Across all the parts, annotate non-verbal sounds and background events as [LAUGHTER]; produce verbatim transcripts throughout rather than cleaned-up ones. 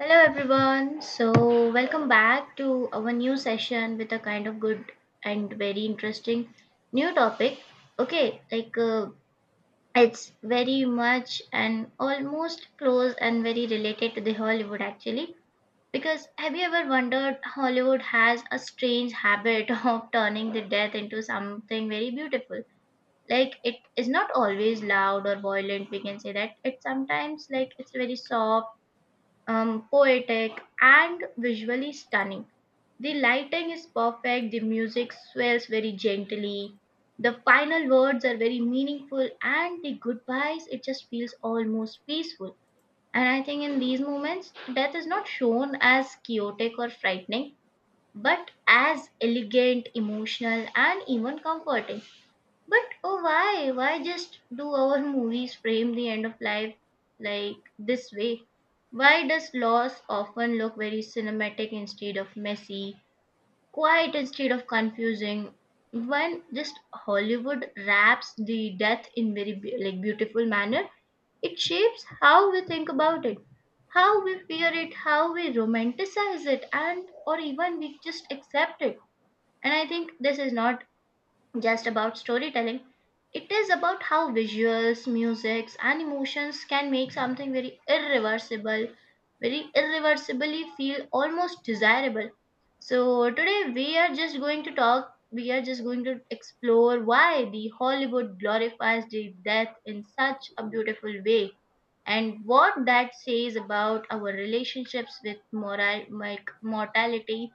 Hello everyone. So welcome back to our new session with a kind of good and very interesting new topic. Okay, like uh, it's very much and almost close and very related to the Hollywood actually. Because have you ever wondered Hollywood has a strange habit [LAUGHS] of turning the death into something very beautiful? Like it is not always loud or violent. We can say that it's sometimes like it's very soft um, poetic, and visually stunning. The lighting is perfect, the music swells very gently, the final words are very meaningful, and the goodbyes, it just feels almost peaceful. And I think in these moments, death is not shown as chaotic or frightening, but as elegant, emotional, and even comforting. But oh, why? Why just do our movies frame the end of life like this way? Why does loss often look very cinematic instead of messy, quiet instead of confusing? When just Hollywood wraps the death in very be- like beautiful manner, it shapes how we think about it, how we fear it, how we romanticize it, and or even we just accept it. And I think this is not just about storytelling. It is about how visuals, musics, and emotions can make something very irreversible, very irreversibly feel almost desirable. So, today we are just going to talk, we are just going to explore why the Hollywood glorifies the death in such a beautiful way and what that says about our relationships with moral, like mortality,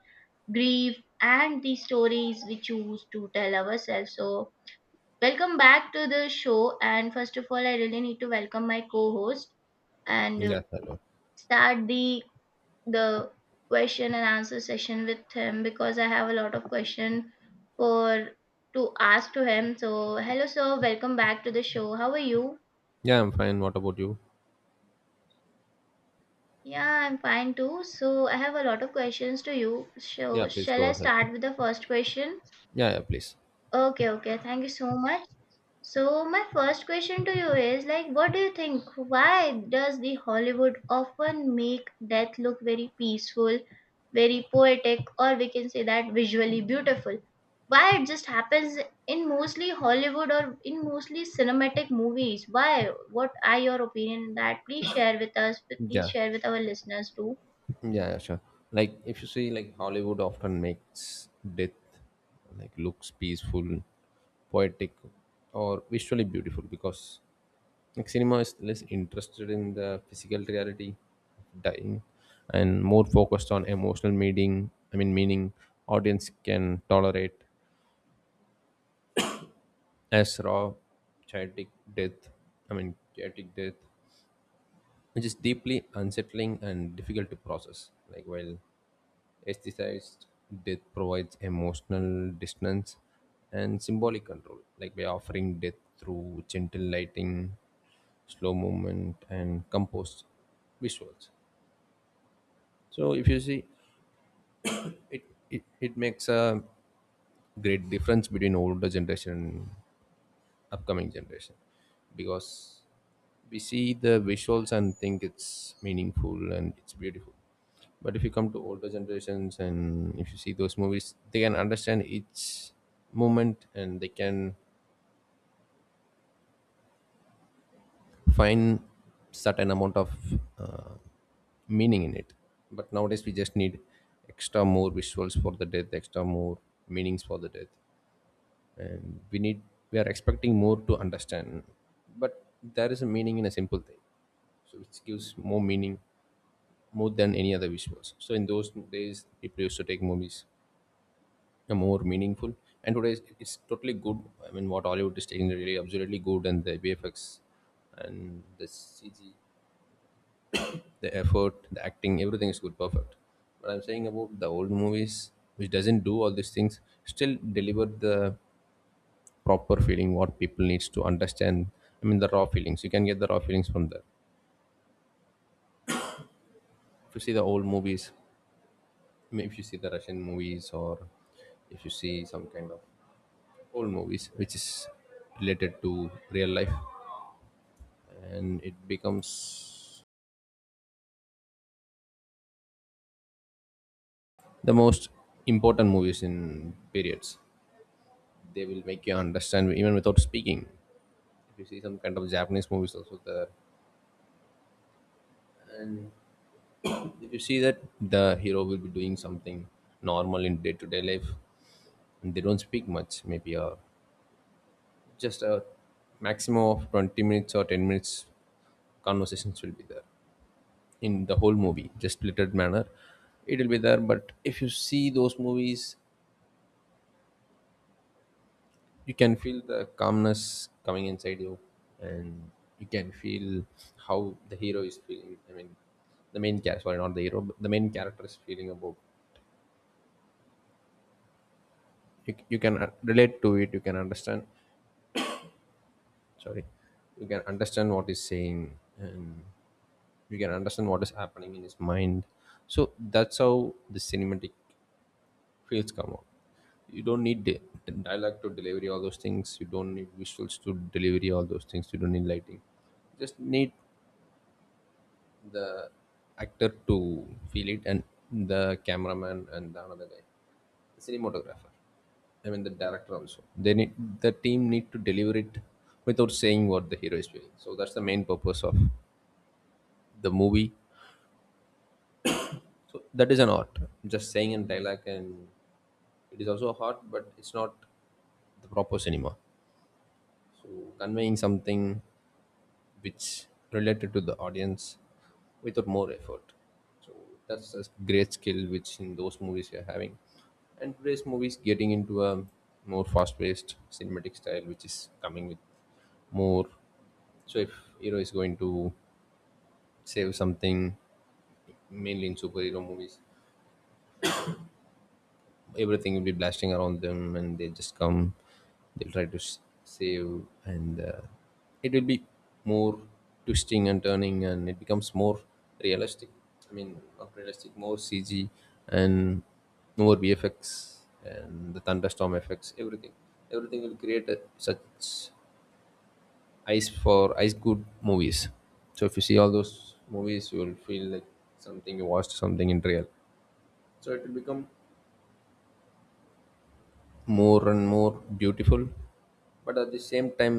grief, and the stories we choose to tell ourselves. So, welcome back to the show. And first of all, I really need to welcome my co-host and uh, Yeah, hello. start the the question and answer session with him because I have a lot of question for to ask to him. So, hello, sir. Welcome back to the show. How are you? Yeah, I'm fine. What about you? Yeah, I'm fine too. So I have a lot of questions to you. Yeah, So please shall go I ahead. start with the first question? Yeah, yeah, please. Okay, okay. Thank you so much. So my first question to you is like what do you think why does the Hollywood often make death look very peaceful, very poetic or we can say that visually beautiful? Why it just happens in mostly Hollywood or in mostly cinematic movies? Why? What are your opinion on that? Please share with us. Please Yeah, share with our listeners too. yeah, yeah, sure. Like, if you see, like, Hollywood often makes death like looks peaceful, poetic, or visually beautiful because like cinema is less interested in the physical reality of dying and more focused on emotional meaning. I mean, meaning audience can tolerate as raw, chaotic death. I mean, chaotic death which is deeply unsettling and difficult to process. Like while aestheticized death provides emotional distance and symbolic control, like by offering death through gentle lighting, slow movement, and composed visuals. So if you see it, it it makes a great difference between older generation and upcoming generation because we see the visuals and think it's meaningful and it's beautiful, but if you come to older generations and if you see those movies, they can understand each moment and they can find certain amount of uh, meaning in it. But nowadays we just need extra more visuals for the death, extra more meanings for the death, and we need we are expecting more to understand. But there is a meaning in a simple thing, so it gives more meaning more than any other visuals. So in those days people used to take movies uh, more meaningful, and today it's it's totally good. I mean, what Hollywood is taking is really absolutely good, and the VFX and the CG, the effort, the acting, everything is good, perfect. But I'm saying about the old movies which doesn't do all these things, still delivered the proper feeling what people needs to understand. I mean, the raw feelings, you can get the raw feelings from there if you see the old movies. I mean, if you see the Russian movies, or if you see some kind of old movies which is related to real life and it becomes the most important movies in periods, they will make you understand even without speaking. If you see some kind of Japanese movies also there, and if you see that the hero will be doing something normal in day-to-day life, they don't speak much, maybe uh, just a maximum of twenty minutes or ten minutes conversations will be there in the whole movie, just littered manner it will be there. But if you see those movies, you can feel the calmness coming inside you, and you can feel how the hero is feeling. I mean, the main character, sorry, not the hero but the main character is feeling about you, you can uh, relate to it, you can understand, sorry, you can understand what he's saying, and you can understand what is happening in his mind. So that's how the cinematic fields come out. You don't need di- dialogue to delivery all those things, you don't need visuals to delivery all those things, you don't need lighting, just need the actor to feel it, and the cameraman and the another guy, the cinematographer, I mean the director also, they need, the team need to deliver it without saying what the hero is feeling. So that's the main purpose of the movie. So that is an art. Just saying and dialogue, and it is also a art, but it's not the proper cinema. So conveying something which related to the audience without more effort. So that's a great skill which in those movies you're having. And today's movies getting into a more fast-paced cinematic style, which is coming with more. So if hero is going to save something, mainly in superhero movies, everything will be blasting around them and they just come, they'll try to s- save, and uh, it will be more twisting and turning and it becomes more realistic. I mean, not realistic, more CG and more VFX and the thunderstorm effects, everything, everything will create a, such ice for ice good movies. So if you see all those movies, you will feel like something you watched something in real. So it will become more and more beautiful, but at the same time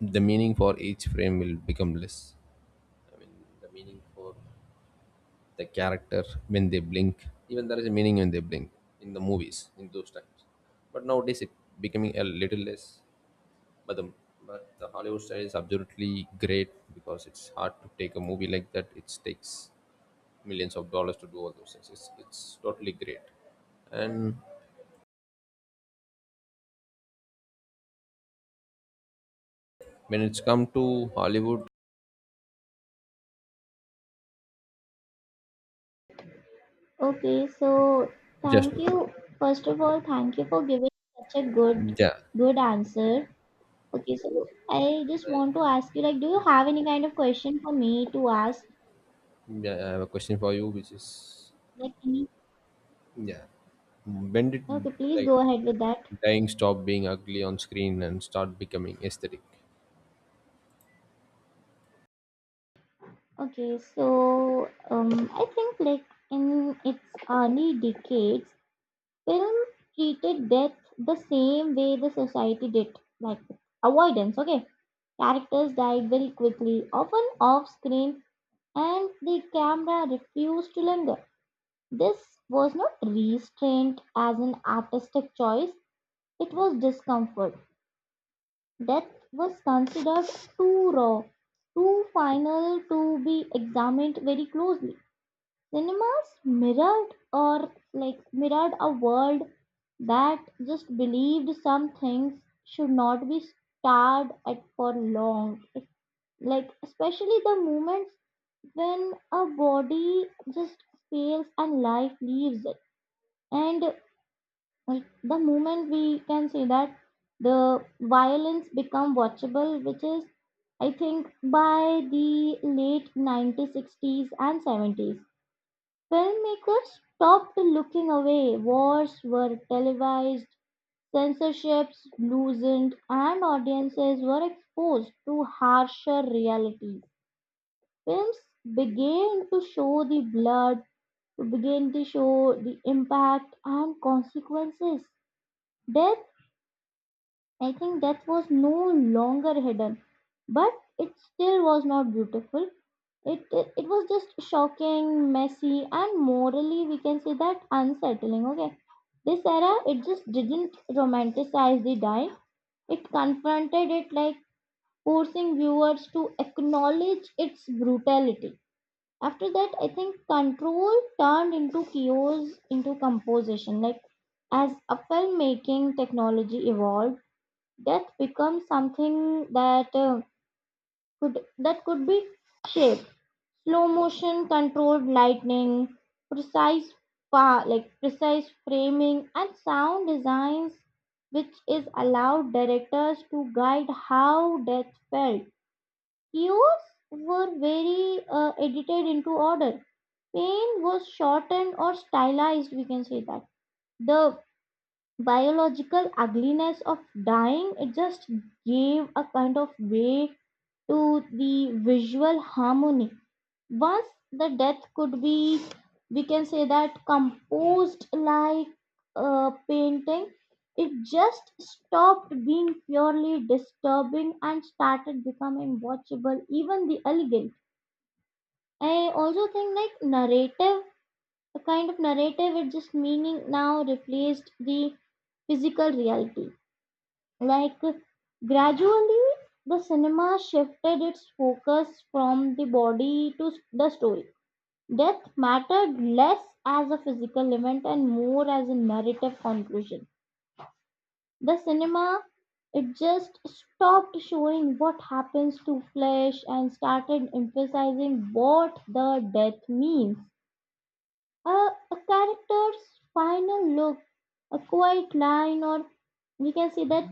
the meaning for each frame will become less. I mean, the meaning for the character when they blink, even there is a meaning when they blink in the movies in those times, but nowadays it becoming a little less. But the but the Hollywood style is absolutely great because it's hard to take a movie like that, it takes millions of dollars to do all those things. It's, it's totally great. And when it's come to Hollywood, Okay, so just thank no. you. First of all, thank you for giving such a good Yeah, good answer. Okay, so I just want to ask you, like, do you have any kind of question for me to ask? yeah. I have a question for you, which is, Like, any? yeah, when did Okay, please like go ahead with that. dying stop being ugly on screen and start becoming aesthetic? Okay, so um, I think like in its early decades, film treated death the same way the society did, like avoidance. Okay, characters died very quickly, often off screen and the camera refused to linger. This was not restraint as an artistic choice, it was discomfort. Death was considered too raw, too final to be examined very closely. Cinemas mirrored or like mirrored a world that just believed some things should not be starred at for long. Like especially the moments when a body just fails and life leaves it and uh, the moment we can say that the violence become watchable, which is I think by the late nineteen sixties and seventies filmmakers stopped looking away. Wars were televised, censorships loosened, and audiences were exposed to harsher realities. Films began to show the blood, to begin to show the impact and consequences. Death, I think death was no longer hidden, but it still was not beautiful. It, it, it was just shocking, messy, and morally, we can say that unsettling. Okay, this era it just didn't romanticize the dying, it confronted it like forcing viewers to acknowledge its brutality. After that, I think control turned into cues into composition. Like as a filmmaking technology evolved, death becomes something that uh, could that could be shaped. Slow motion, controlled lightning, precise pa- like precise framing, and sound designs, which is allowed directors to guide how death felt. Years were very uh, edited into order. Pain was shortened or stylized, we can say that. The biological ugliness of dying it just gave a kind of way to the visual harmony. Once the death could be, we can say that, composed like a painting, it just stopped being purely disturbing and started becoming watchable, even the elegant. I also think like narrative, a kind of narrative with just meaning now replaced the physical reality. Like gradually, the cinema shifted its focus from the body to the story. Death mattered less as a physical event and more as a narrative conclusion. The cinema it just stopped showing what happens to flesh and started emphasizing what the death means. A, a character's final look, a quiet line, or we can say that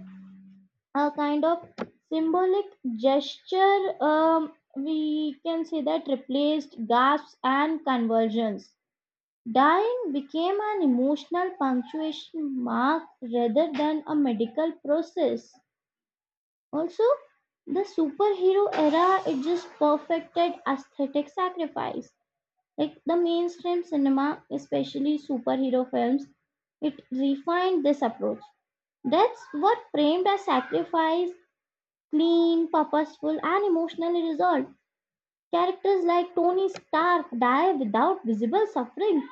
a kind of symbolic gesture, um, we can say that replaced gasps and conversions. Dying became an emotional punctuation mark rather than a medical process. Also, the superhero era it just perfected aesthetic sacrifice, like the mainstream cinema, especially superhero films, it refined this approach. Deaths were framed as sacrifice, clean, purposeful, and emotionally resolved. Characters like Tony Stark die without visible suffering.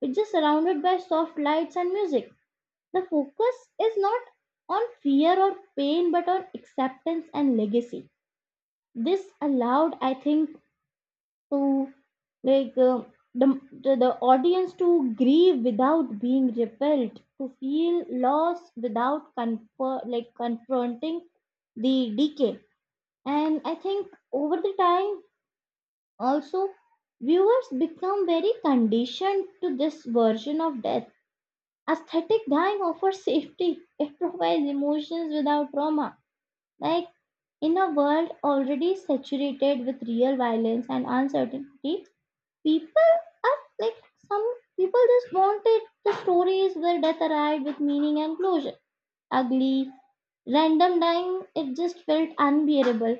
It's just surrounded by soft lights and music. The focus is not on fear or pain but on acceptance and legacy. This allowed, I think, to like uh, the, the the audience to grieve without being repelled, to feel loss without confer- like confronting the decay. And I think over the time also viewers become very conditioned to this version of death. Aesthetic dying offers safety, it provides emotions without trauma. Like in a world already saturated with real violence and uncertainty, people are like some people just wanted the stories where death arrived with meaning and closure. Ugly, random dying, it just felt unbearable.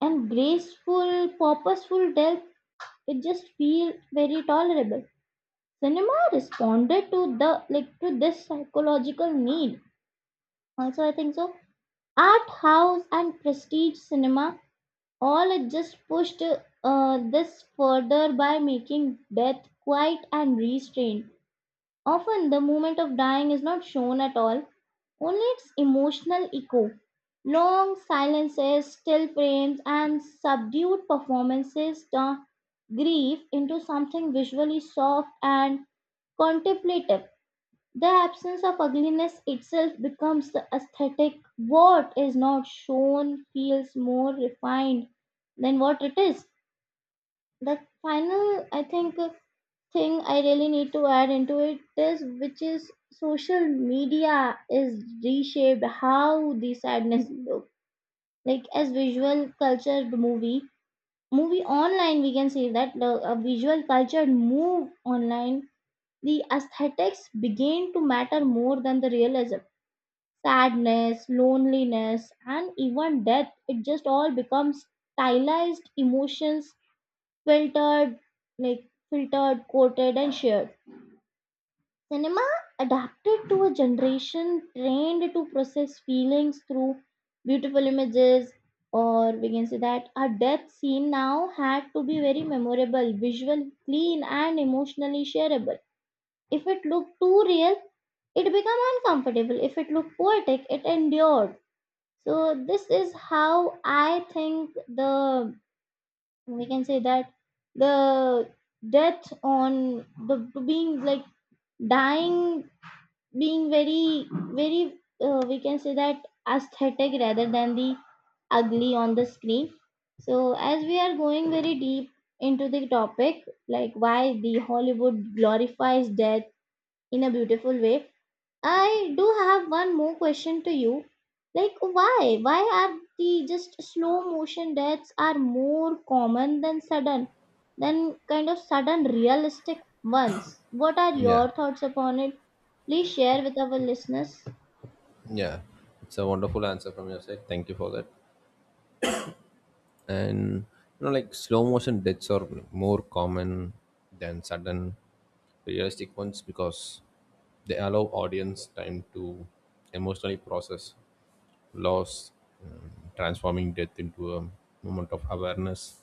And graceful, purposeful death, it just feel very tolerable. Cinema responded to the like to this psychological need. Also, I think so. Art house and prestige cinema all it just pushed uh, this further by making death quiet and restrained. Often the moment of dying is not shown at all, only its emotional echo. Long silences, still frames, and subdued performances turn grief into something visually soft and contemplative. The absence of ugliness itself becomes the aesthetic. What is not shown feels more refined than what it is. The final, I think, thing I really need to add into it is which is social media is reshaped how the sadness look like as visual cultured movie movie online, we can say that the a visual cultured move online, the aesthetics begin to matter more than the realism. Sadness, loneliness, and even death, it just all becomes stylized emotions filtered, like filtered, quoted, and shared. Cinema adapted to a generation trained to process feelings through beautiful images, or we can say that a death scene now had to be very memorable, visual, clean, and emotionally shareable. If it looked too real, it became uncomfortable. If it looked poetic, it endured. So, this is how I think the we can say that the death on the being like dying being very very uh, we can say that aesthetic rather than the ugly on the screen. So as we are going very deep into the topic, like why the Hollywood glorifies death in a beautiful way, I do have one more question to you. Like, why? Why are the just slow motion deaths are more common than sudden, than kind of sudden realistic ones? What are Yeah, your thoughts upon it? Please share with our listeners. yeah. It's a wonderful answer from your side. Thank you for that. And you know, like slow motion deaths are more common than sudden, realistic ones because they allow audience time to emotionally process loss, um, transforming death into a moment of awareness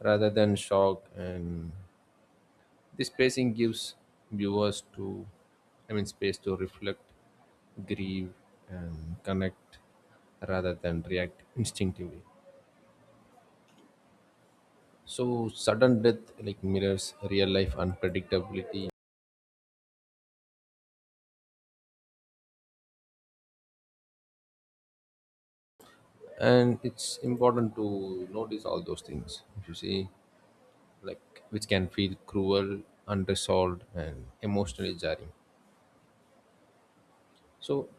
rather than shock. And this pacing gives viewers to, I mean, space to reflect, grieve, and connect rather than react instinctively. So sudden death like mirrors real life unpredictability, and it's important to notice all those things if you see, like, which can feel cruel, unresolved, and emotionally jarring. So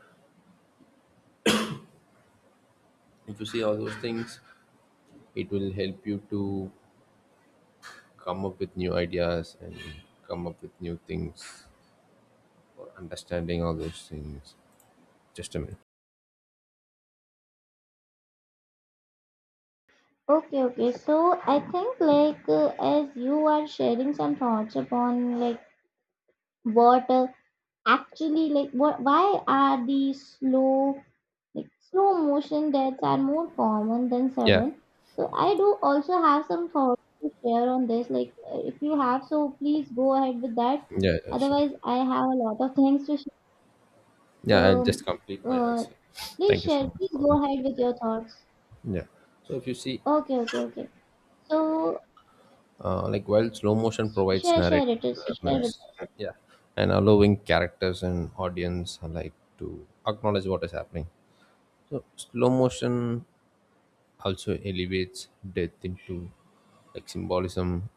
if you see all those things, it will help you to come up with new ideas and come up with new things or understanding all those things. Just a minute. Okay, okay. So I think like uh, as you are sharing some thoughts upon like what uh, actually, like what? Why are these slow, like slow motion deaths are more common than Yeah. sudden? So I do also have some thoughts to share on this. Like uh, if you have, so please go ahead with that. Yeah, yeah, sure. Otherwise, I have a lot of [LAUGHS] things to share. Yeah, I'll just Um, complete my uh, answer. please Thank you so share. much Please for go that. ahead with your thoughts. Yeah. So if you see, Okay, okay, okay. So uh, like while slow motion provides share, share narrative it. Share with. awareness, yeah, and allowing characters and audience alike to acknowledge what is happening. So slow motion also elevates death into like symbolism,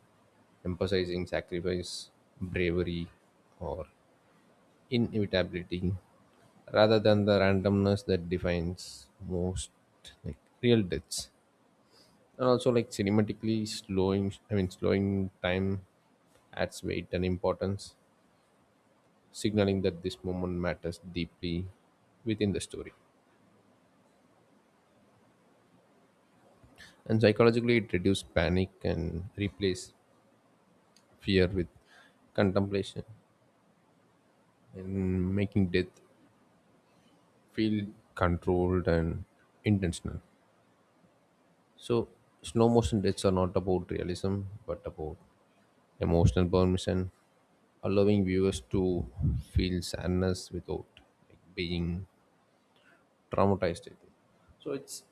emphasizing sacrifice, bravery, or inevitability, rather than the randomness that defines most like real deaths. And also like cinematically slowing, I mean slowing time adds weight and importance, signaling that this moment matters deeply within the story. And psychologically, it reduces panic and replace fear with contemplation, and making death feel controlled and intentional. So slow motion deaths are not about realism but about emotional permission, allowing viewers to feel sadness without, like, being traumatized, I think. It's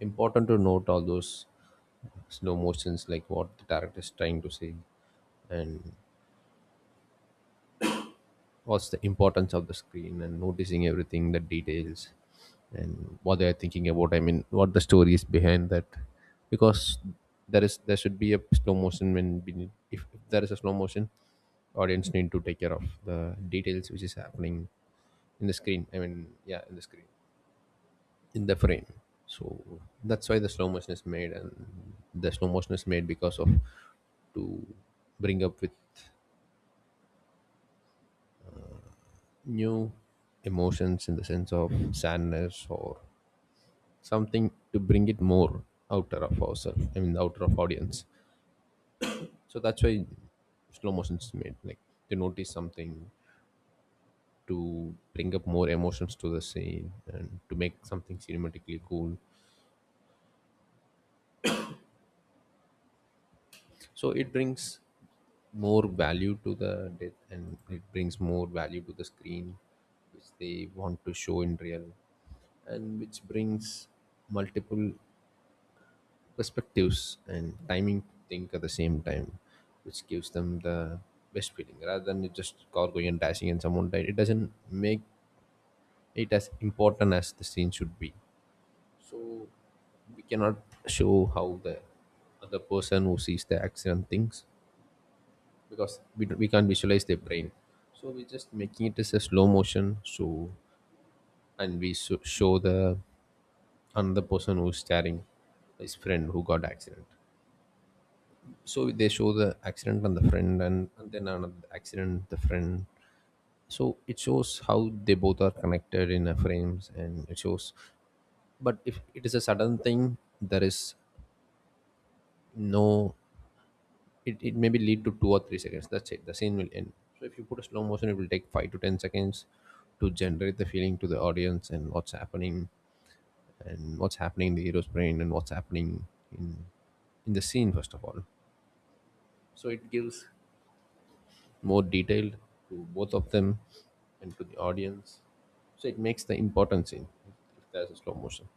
important to note all those slow motions, like what the director is trying to say, and what's the importance of the screen and noticing everything the details and what they are thinking about. I mean, what the story is behind that, because there is there should be a slow motion when we need, if, if there is a slow motion, audience need to take care of the details which is happening in the screen. I mean, yeah, in the screen, in the frame. So that's why the slow motion is made, and the slow motion is made because of to bring up with new emotions in the sense of sadness or something, to bring it more outer of ourselves. I mean the outer of audience. So that's why slow motion is made, like to notice something, to bring up more emotions to the scene and to make something cinematically cool. So it brings more value to the death and it brings more value to the screen which they want to show in real, and which brings multiple perspectives and timing think at the same time, which gives them the best feeling rather than it just car going and dashing and someone died. It doesn't make it as important as the scene should be. So we cannot show how the other person who sees the accident thinks, because we, don't- we can't visualize their brain. So we're just making it as a slow motion. So and we so, show the another person who's staring his friend who got accident. So they show the accident on the friend, and, and then another accident the friend. So it shows how they both are connected in a frames and it shows. But if it is a sudden thing, there is no, it, it maybe lead to two or three seconds, that's it, the scene will end. So if you put a slow motion it will take five to ten seconds to generate the feeling to the audience, and what's happening, and what's happening in the hero's brain, and what's happening in in the scene first of all. So it gives more detailed to both of them and to the audience. So it makes the important scene if there's a slow motion.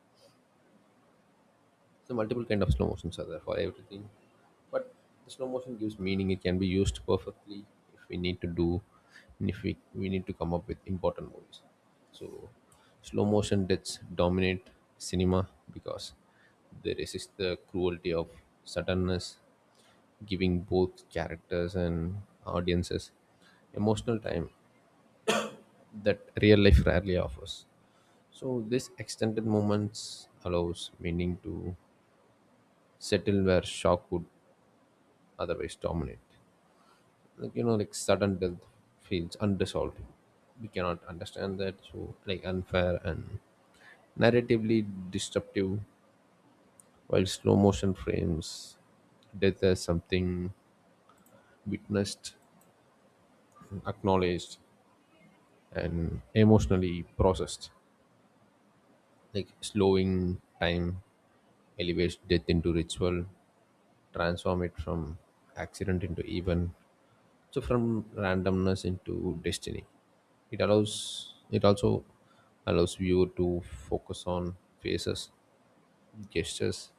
So multiple kind of slow motions are there for everything, but the slow motion gives meaning. It can be used perfectly if we need to do, and if we we need to come up with important movies. So slow motion did dominate cinema because they resist the cruelty of suddenness, giving both characters and audiences emotional time that real life rarely offers. So this extended moments allows meaning to settle where shock would otherwise dominate. Like, you know, like sudden death feels unresolved. We cannot understand that, so like unfair and narratively disruptive. While slow motion frames death as something witnessed, acknowledged, and emotionally processed. Like slowing time elevates death into ritual, transform it from accident into even, so from randomness into destiny. It allows, it also allows viewer to focus on faces, gestures,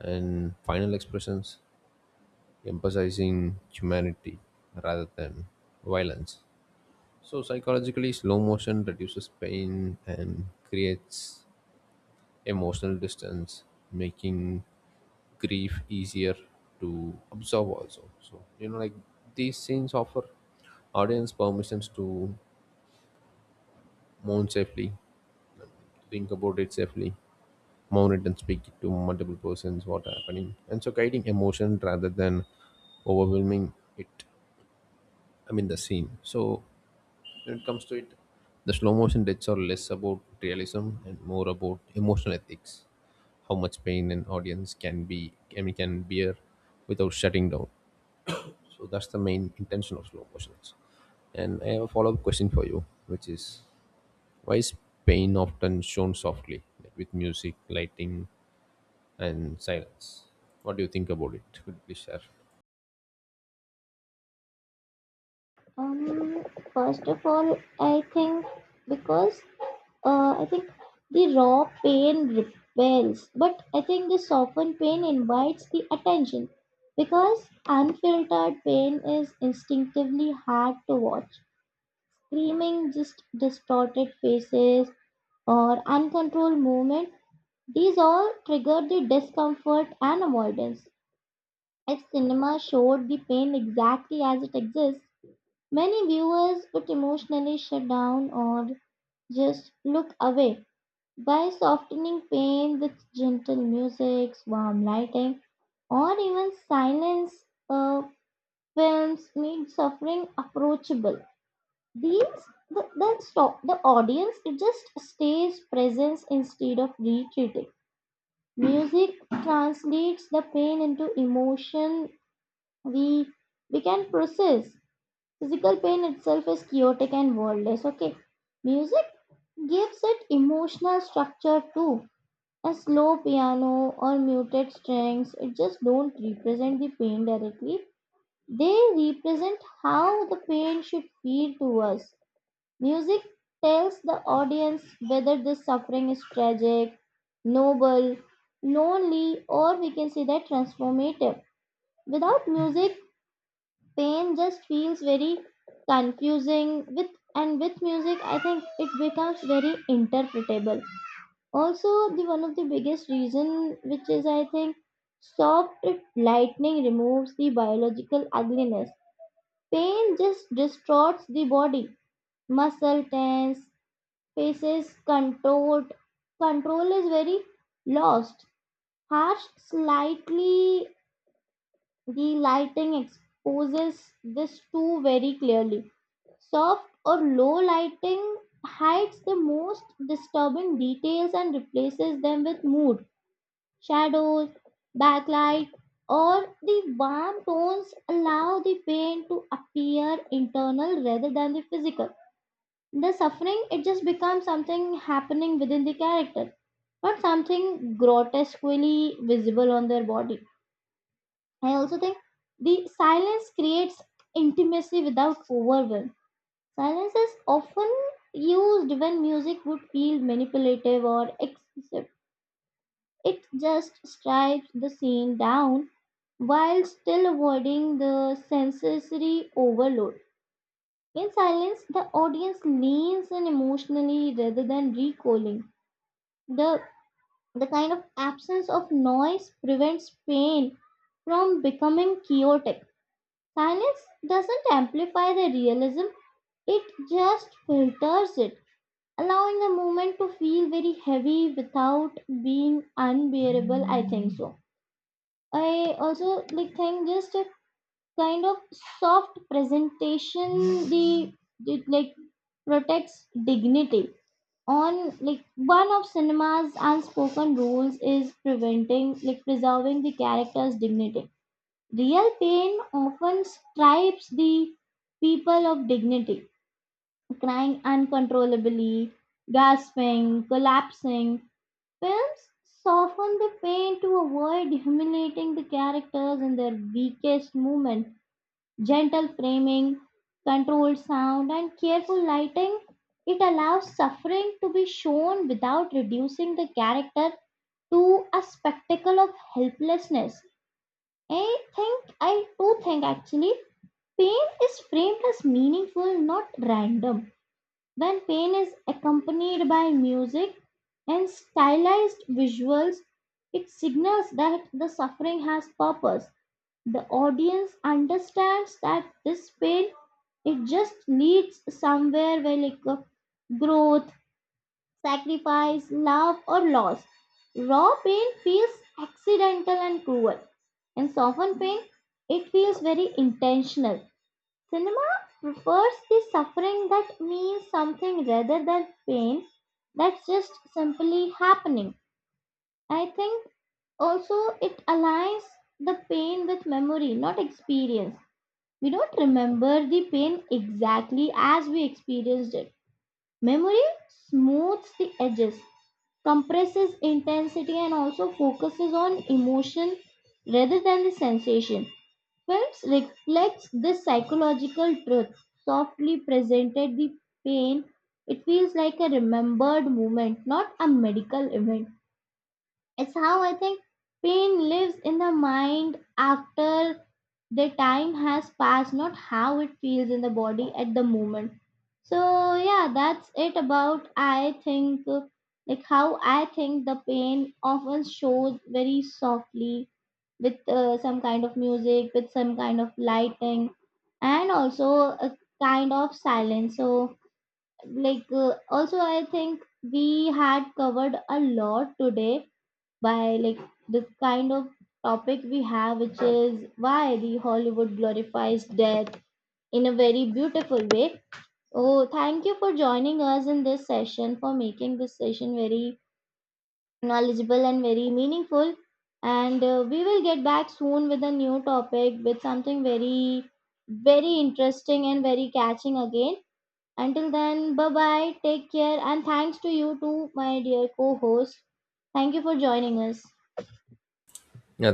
and final expressions, emphasizing humanity rather than violence. So psychologically slow motion reduces pain and creates emotional distance, making grief easier to observe also. So you know, like these scenes offer audience permissions to mourn safely, think about it safely, mourn it and speak it to multiple persons what happening, and so guiding emotion rather than overwhelming it, I mean the scene. So when it comes to it, the slow motion deaths are less about realism and more about emotional ethics, how much pain an audience can be, I mean, can bear without shutting down. So that's the main intention of slow motions. And I have a follow-up question for you, which is why is pain often shown softly, like with music, lighting, and silence? What do you think about it? Could you please share? Um, first of all, I think because uh, I think the raw pain repels, but I think the softened pain invites the attention, because unfiltered pain is instinctively hard to watch. Screaming, just distorted faces, or uncontrolled movement, these all trigger the discomfort and avoidance. If cinema showed the pain exactly as it exists, many viewers would emotionally shut down or just look away. By softening pain with gentle music, warm lighting, or even silence, uh, films made suffering approachable. These the, then stop the audience. It just stays presence instead of retreating. Music translates the pain into emotion we we can process. Physical pain itself is chaotic and worldless. Okay, music gives it emotional structure too. A slow piano or muted strings, it just don't represent the pain directly. They represent how the pain should feel to us. Music tells the audience whether this suffering is tragic, noble, lonely, or we can say that transformative. Without music, pain just feels very confusing, with and with music I think it becomes very interpretable. Also, the one of the biggest reason which is I think soft lightning removes the biological ugliness. Pain just distorts the body, muscle tense, faces contort, control is very lost. Harsh slightly, the lighting exposes this too very clearly. Soft or low lighting hides the most disturbing details and replaces them with mood. Shadows, backlight, or the warm tones allow the pain to appear internal rather than the physical. The suffering, it just becomes something happening within the character, not something grotesquely visible on their body. I also think the silence creates intimacy without overwhelm. Silence is often used when music would feel manipulative or excessive. It just strips the scene down while still avoiding the sensory overload. In silence, the audience leans in emotionally rather than recoiling. The, the kind of absence of noise prevents pain from becoming chaotic. Silence doesn't amplify the realism, it just filters it, allowing the moment to feel very heavy without being unbearable, I think so. I also like think just a kind of soft presentation, the it like protects dignity on, like, one of cinema's unspoken rules is preventing like preserving the character's dignity. Real pain often stripes the people of dignity, crying uncontrollably, gasping, collapsing. Films soften the pain to avoid humiliating the characters in their weakest moment. Gentle framing, controlled sound, and careful lighting, it allows suffering to be shown without reducing the character to a spectacle of helplessness. I think, I do think actually, pain is framed as meaningful, not random. When pain is accompanied by music and stylized visuals, it signals that the suffering has purpose. The audience understands that this pain it just leads somewhere where like uh, growth, sacrifice, love or loss. Raw pain feels accidental and cruel, and softened pain it feels very intentional. Cinema prefers the suffering that means something rather than pain that's just simply happening. I think also it aligns the pain with memory, not experience. We don't remember the pain exactly as we experienced it. Memory smooths the edges, compresses intensity, and also focuses on emotion rather than the sensation. Films reflects this psychological truth, softly presented the pain. It feels like a remembered moment, not a medical event. It's how I think pain lives in the mind after the time has passed, not how it feels in the body at the moment. So, yeah, that's it about I think uh, like how I think the pain often shows very softly with uh, some kind of music, with some kind of lighting, and also a kind of silence. So, like, uh, also, I think we had covered a lot today by like the kind of topic we have, which is why the Hollywood glorifies death in a very beautiful way. Oh, thank you for joining us in this session for making this session very knowledgeable and very meaningful, and uh, we will get back soon with a new topic with something very very interesting and very catching again. Until then, bye bye, take care, and thanks to you too, my dear co-host. Thank you for joining us. Yeah,